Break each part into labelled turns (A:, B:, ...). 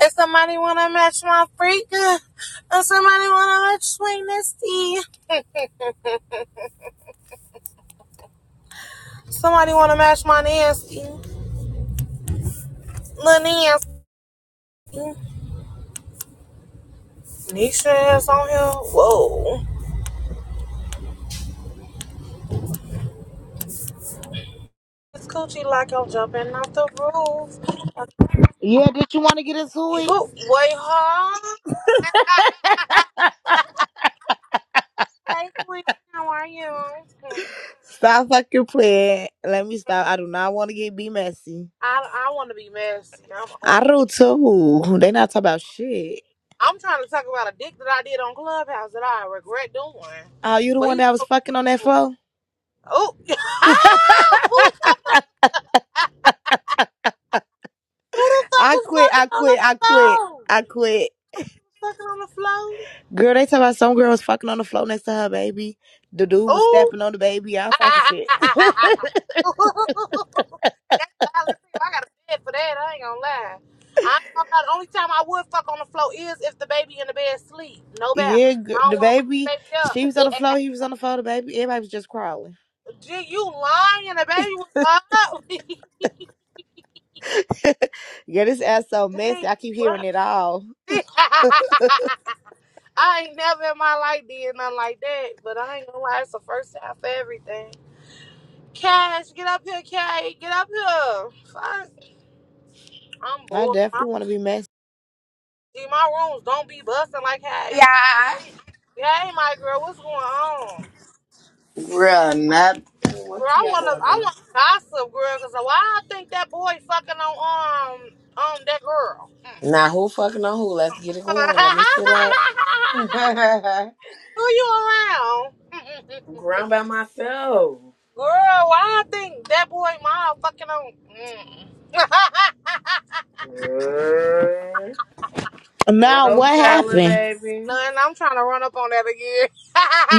A: If somebody wanna match my freak, uh, if somebody wanna match my nasty, somebody wanna match my nasty, lil nasty. Nisha is on here. Whoa, it's coochie like I'm jumping off the roof. Uh,
B: Yeah, did you want to get into it?
A: Who? Wait, huh? Hey, Queen, how are you?
B: Stop fucking playing. Let me stop. I do not want to get be messy.
A: I I want to be messy. I'm on.
B: I do too. They not talking about shit.
A: I'm trying to talk about a dick that I did on Clubhouse that I regret doing,
B: Oh, you the
A: but
B: one
A: he.
B: that was fucking on that phone?
A: Oh, ah! Who was talking Who the fuck
B: I
A: is
B: quit. I
A: fucking on the
B: quit. I quit.
A: floor?
B: I quit.
A: Fucking on the floor?
B: Girl, they talking about some girl was fucking on the floor next to her baby. The dude was
A: Ooh.
B: stepping on the baby. All type of shit.
A: That's wild as hell. I got a bed for that. I ain't gonna lie. I ain't gonna lie. The only time I would fuck on the floor is if the baby in the bed sleep. No doubt.
B: yeah,
A: I
B: gir- the
A: don't want to wake the
B: baby.
A: baby up.
B: She was on the floor. He was on the floor. The baby. Everybody was just crawling.
A: Gee, you lying. The baby was up. Gee,
B: yeah, this ass so messy. I keep hearing
A: what?
B: it all.
A: I ain't never in my life did nothing like that. But I ain't gonna lie. It's the first time for everything. Cash, get up here, Kay. Get up here. Fuck. I'm
B: I
A: bored. My,
B: definitely want to be Mexican.
A: see, my rooms don't be busting like how you.
C: Yeah.
A: Hey, my girl, what's going on?
C: Bruh, not
A: Girl, I wanna, I wanna gossip, girl, cause why I think that boy fucking on um, um, that girl. Mm.
C: not who fucking on who. Let's get it going. Let me sit up.
A: Who you around? Mm-mm-mm.
C: I'm grown by myself.
A: Girl, why I think that boy mom fucking on? Mm.
C: Bruh. Ain't
B: Now,
C: no
B: what
C: telling,
B: happened?
C: baby.
A: None. I'm trying to run up on that again.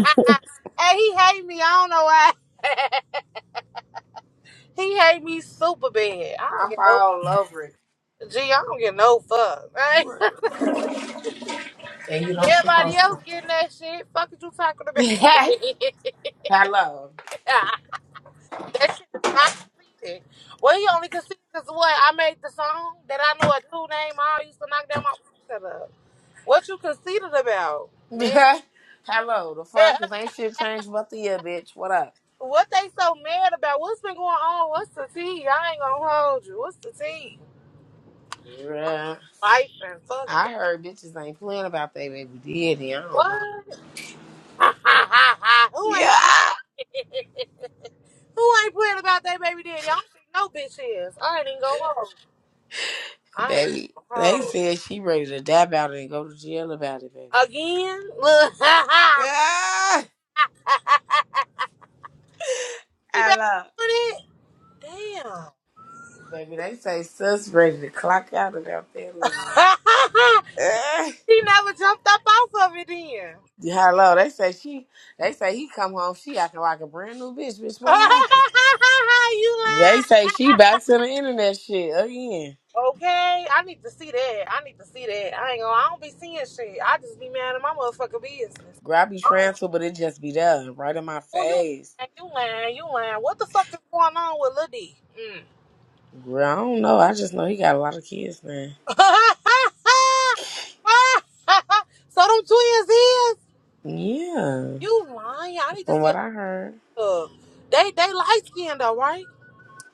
A: hey, he hate me. I don't know why. he hate me super bad. I don't
C: Hop
A: get no
C: all over it.
A: fuck. Gee, I don't get no fuck.
C: You
A: Right?
C: are-
A: Everybody else getting that shit. Fuck is you talking about?
C: Hello.
A: that shit is not conceded. Well, he only conceded because what? I made the song that I know a dude named I used to knock down my shut up. What you conceited about, man?
C: Hello. The fuck? Cause ain't shit changed about the year, bitch. What up?
A: What they so mad about? What's been going on? What's the tea? I ain't gonna hold you. What's the tea?
C: Bruh.
A: Life and fuck that.
C: I heard bitches ain't playing about they baby daddy. I don't
A: What?
C: know.
A: Who ain't
C: yeah.
A: playing? Who ain't playing about that baby daddy? I don't think no bitch is. I ain't even gonna hold. you. I ain't even
C: Baby.
A: gonna
C: They
A: hold.
C: said she ready to dab out and go to jail about it, baby.
A: you. Again? Look.
C: Ah,
A: she
C: I
A: back
C: love.
A: on it? Damn.
C: it. Baby, they say sus ready to clock out of that room. Ah,
A: she never jumped up off of it then.
C: Yeah, hello, they say she. They say he come home. She acting like a brand new bitch. Bitch, what happened?
A: you
C: They say she back to the internet shit again.
A: Okay, I need to see that. I need to see that. I ain't gonna. I don't be seeing shit. I just be mad at my motherfucking business.
C: Girl, I be trying
A: Oh,
C: to, but it just be there, right in my
A: oh, you
C: face.
A: lying? You lying? You lying? What the fuck is going on with Lil D? Mm.
C: Girl, I don't know. I just know he got a lot of kids now.
A: so them twins is
C: Yeah,
A: you lying? I need to
C: from
A: see.
C: what I heard,
A: Uh, they they light skinned though, right?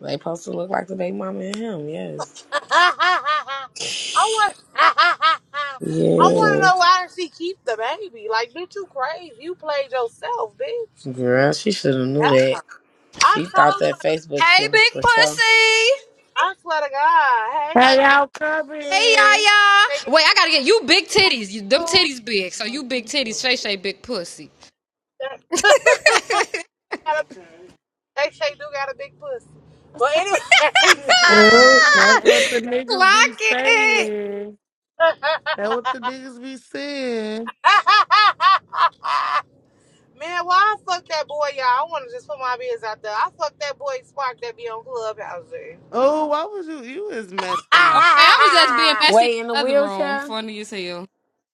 C: they supposed to look like the baby mama and him. Yes.
A: I want. I want to
C: Yeah,
A: know why she keep the baby. Like, bitch, you crazy? You played yourself, bitch.
C: girl, she should have knew that.
A: I
C: She thought
A: told
C: that
A: her,
C: Facebook
D: Hey,
C: shit was
D: big
C: for show.
D: pussy.
A: I swear to God, hey,
E: Hey,
A: my
E: y'all
D: Hey,
E: coming?
D: Yaya.
A: making
D: Wait, I gotta get you big titties. You, them
A: food.
D: titties big. So you big titties, Shay Shay big pussy.
A: That- got a- They say do got a big pussy. But anyways,
E: Oh,
D: Ah!
E: that's what the niggas be
D: Clock it.
E: saying. That's what the niggas be saying.
A: man, why I fuck that boy, y'all? I want to just put my biz out there. I fuck that boy Spark that be on Clubhouse. eh?
E: Oh, why was you? You is messy.
D: Okay, I was just being messy in
C: Way in the
D: the other room.
C: wheelchair?
D: Funny as hell.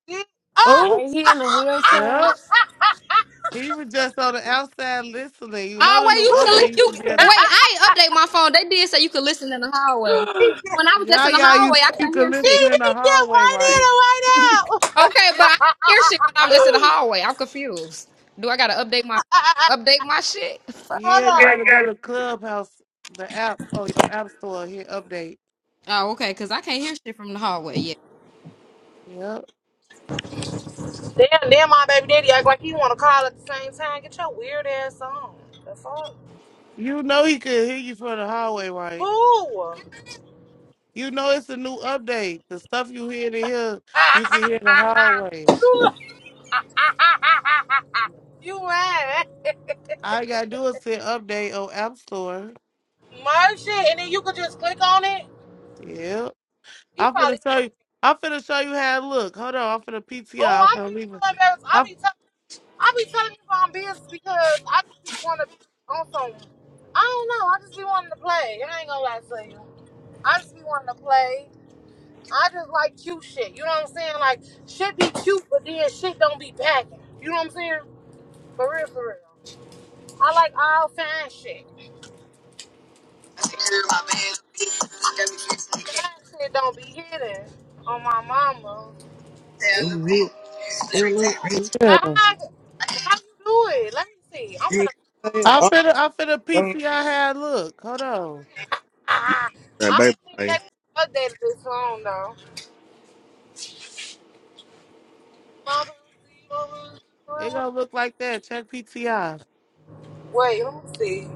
A: Did- Oh,
E: Oh,
C: Way he in the wheelchair?
E: oh, he was just on the outside listening. You know
D: Oh,
E: the
D: wait,
E: new
D: you can li-
E: update. You could be
D: you
E: at a
D: wait. I ain't update my phone. They did say you could listen in the hallway. When I was just
E: yeah,
D: in the
E: yeah. You
D: hallway, I
E: know you
D: couldn't
E: can
D: hear shit.
E: listen
A: did
E: in the
A: he get
E: hallway,
A: right
E: right?
A: in or
D: Okay, but I could hear shit when I was just in the hallway. I'm confused. Do I gotta update my
A: right out?
D: update my shit? Fuck.
E: Yeah, you gotta go to
A: Hold on.
E: Clubhouse, the app, or your app store. Here, update.
D: Oh, okay, because I can't hear shit from the hallway. Yeah.
E: Yep.
A: Damn, damn, my baby daddy act like he want to call at the same time. Get your weird ass on. The fuck?
E: You know he could hear you from the hallway, right?
A: Who?
E: You know it's a new update. The stuff you hear to hear, you can hear the hallway.
A: you li- you lying?
E: All you gotta do is hit update on App Store.
A: Merch it, and then you could just click on it.
E: Yeah.
A: He
E: I'm finna
A: probably.
E: show
A: heard
E: you.
A: it.
E: I'm finna show you how it look. Hold on. I'm finna
A: Oh,
E: PTI. I'm
A: I
E: finna
A: feel
E: leave it.
A: so embarrassed. I
E: I'm,
A: be tell I be telling you about business because I just be want to on some. I don't know. I just be wanting to play. I ain't gonna lie to you. I just be wanting to play. I just like cute shit. You know what I'm saying? Like shit be cute, but then shit don't be packing. You know what I'm saying? For real, for real. I like all fine shit. Fine shit don't be hidden on my mama.
F: Real, real,
E: yeah.
A: Now how how you do it? Let me see. I'm finna.
E: I'm finna. I'm finna PTI how it look. Hold on.
A: Ah, I don't think that updated this song though.
E: It gonna look like that. Check PTI.
A: Wait, let me see.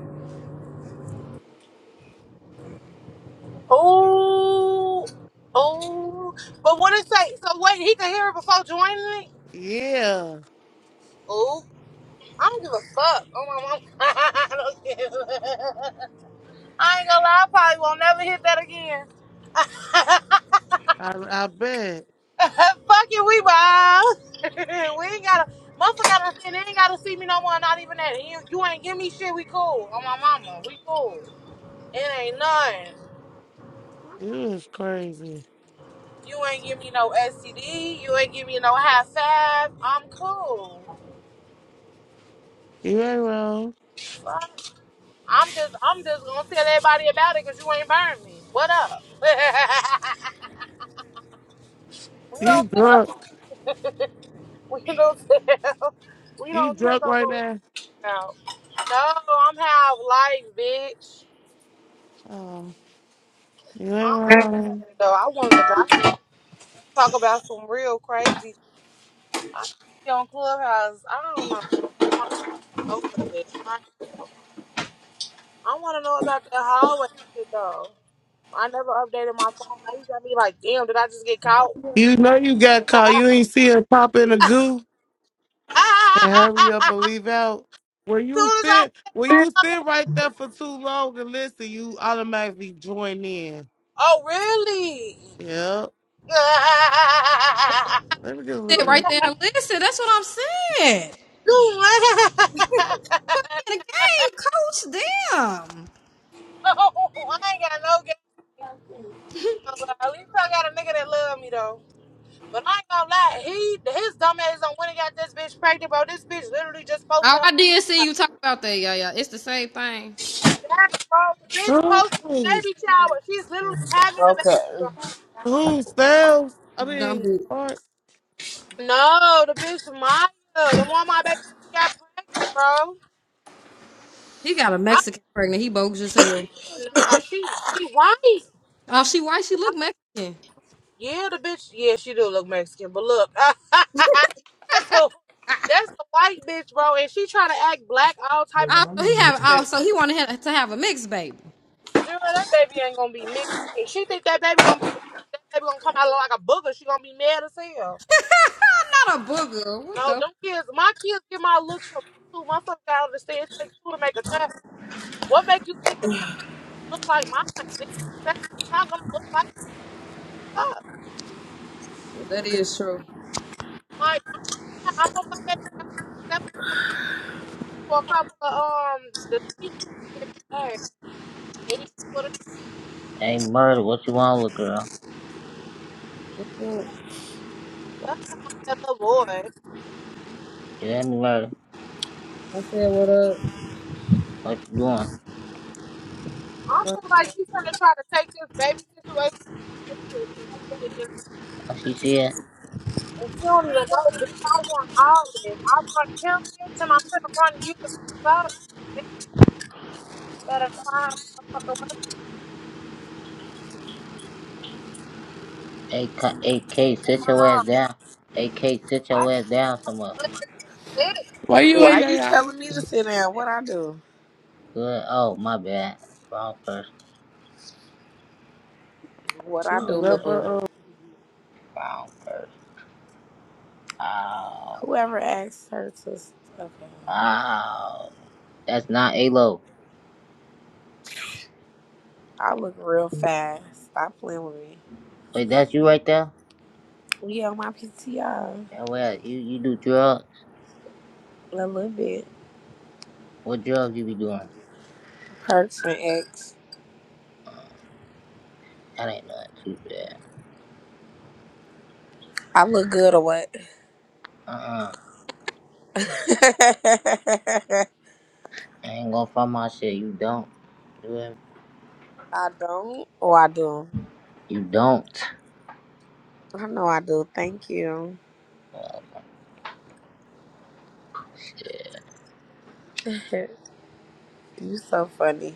A: Oh, oh. But what it say? So wait, he can hear it before joining it.
E: Yeah.
A: Oh. I don't give a fuck. Oh my mom. I don't give a fuck. I ain't gonna lie, I probably won't never hit that again.
E: I I bet.
A: fuck it, we wild. we ain't gotta motherfucker gotta see they ain't gotta see me no more, not even that. You, you ain't give me shit, we cool. Oh my mama, we cool. It ain't none.
E: You is crazy.
A: You ain't give me no STD, you ain't give me no high five. I'm cool.
E: You ain't wrong.
A: Fuck. I'm just I'm just gonna tell everybody about it because you ain't burned me. What up? we
E: You
A: don't tell
E: drunk.
A: We don't sell. We
E: You
A: don't trick
E: drunk
A: on
E: right
A: what we talk
E: now.
A: about. No, I'm half life, bitch.
E: Oh, you ain't
A: I'm
E: wrong.
A: irritated, though. I wanted to go I talk about some real crazy. I be on Clubhouse. I don't know. I just want to smoke with a bitch. Like, I want to know about that hallway shit though. I never updated my phone. Now you got me like, damn, did I just get caught?
E: You know you got caught. You ain't see her pop in the goo and hurry up and leave out. When you
A: Soon as I
E: sit, when you
A: fucking,
E: sit right there for too long and listen, you automatically join in.
A: oh
E: Yep.
A: really?
E: Let me get a
D: Sit
E: little bit.
D: right there and listen. That's what I'm saying.
A: No, I
D: In the game, coach. Damn.
A: no, I ain't got no game. no At least I got a nigga that love me though. But I ain't gonna lie, he his dumb ass on when he got this bitch pregnant, bro. This bitch literally just posted
D: Oh,
A: her.
D: I did see you talk about that, yeah, yeah. It's the same thing.
A: That bro, the bitch posted the
E: Who's
A: baby shower. She's literally having the baby,
C: okay.
A: bro.
E: who's sales? I
D: Dumb
E: mean,
D: bitch.
E: Sparks.
A: No, the bitch Maya, the one my baby daddy got pregnant, bro.
D: He got a
A: I,
D: Mexican pregnant. He bogus as hell.
A: nah, she she white.
D: Oh, she white. She look Mexican.
A: Yeah, the bitch. Yeah, she do look Mexican, but look, that's a that's a white bitch, bro, and she trying to act black, all type of
D: Oh, so
A: shit.
D: he have. Oh,
C: Shit.
D: so he wanted her to have a mixed baby.
A: Jura, that baby ain't gonna be mixed. If She think that baby gonna that baby gonna come out like a booger. She gonna be mad as hell.
D: I'm not a booger. What
A: No,
D: the?
A: them kids, my kids get my looks from me too. Motherfucker gotta understand it takes two to make a child. What make you think that her baby look like mine? Bitch, Your baby's not gonna look like my fuck.
D: That is true.
A: Like I I hope my baby that for a couple of um the It would have
G: Hey, Murder, what you want with girl?
D: What's up?
A: done like that little boy.
G: You hear me, Murder?
D: I said what up.
G: What you doing?
A: I feel like she's gonna try to take this baby situation. and
G: What she said?
A: she don't even know, bitch. I want all this. I want him, bitch, and I'm gonna run you. Fuck, bitch, better find a motherfucker way
G: Hey, K, hey, sit
A: on
G: your ass
A: off.
G: down. AK, sit
A: I
G: your
A: can't
G: ass down somewhere.
A: look at this.
E: Why you at,
C: Why
E: yeah,
C: you
E: yeah?
C: telling me to sit down? What I do?
G: Good. Oh, my bad. Wrong person.
C: What
E: She
C: I do,
G: Wrong
E: was
C: lil'
E: up
G: person.
C: boo?
E: her.
G: Wrong person. Ow.
C: Whoever asked her to. Okay.
G: Ow. That's not A-Lo.
C: I look real fast. Stop playing with me.
G: Wait, that's you right there?
C: Yeah, my PTR.
G: Yeah, well, you, you do drugs?
C: A little bit.
G: What drugs you be doing?
C: Perks and X.
G: That ain't nothing too bad.
C: I look good or what?
G: Uh-uh.
C: I
G: I ain't gonna find my shit. You don't. You hear me?
C: don't or I do?
G: You don't.
C: I know I do. Thank you.
G: Oh, shit.
C: You so funny.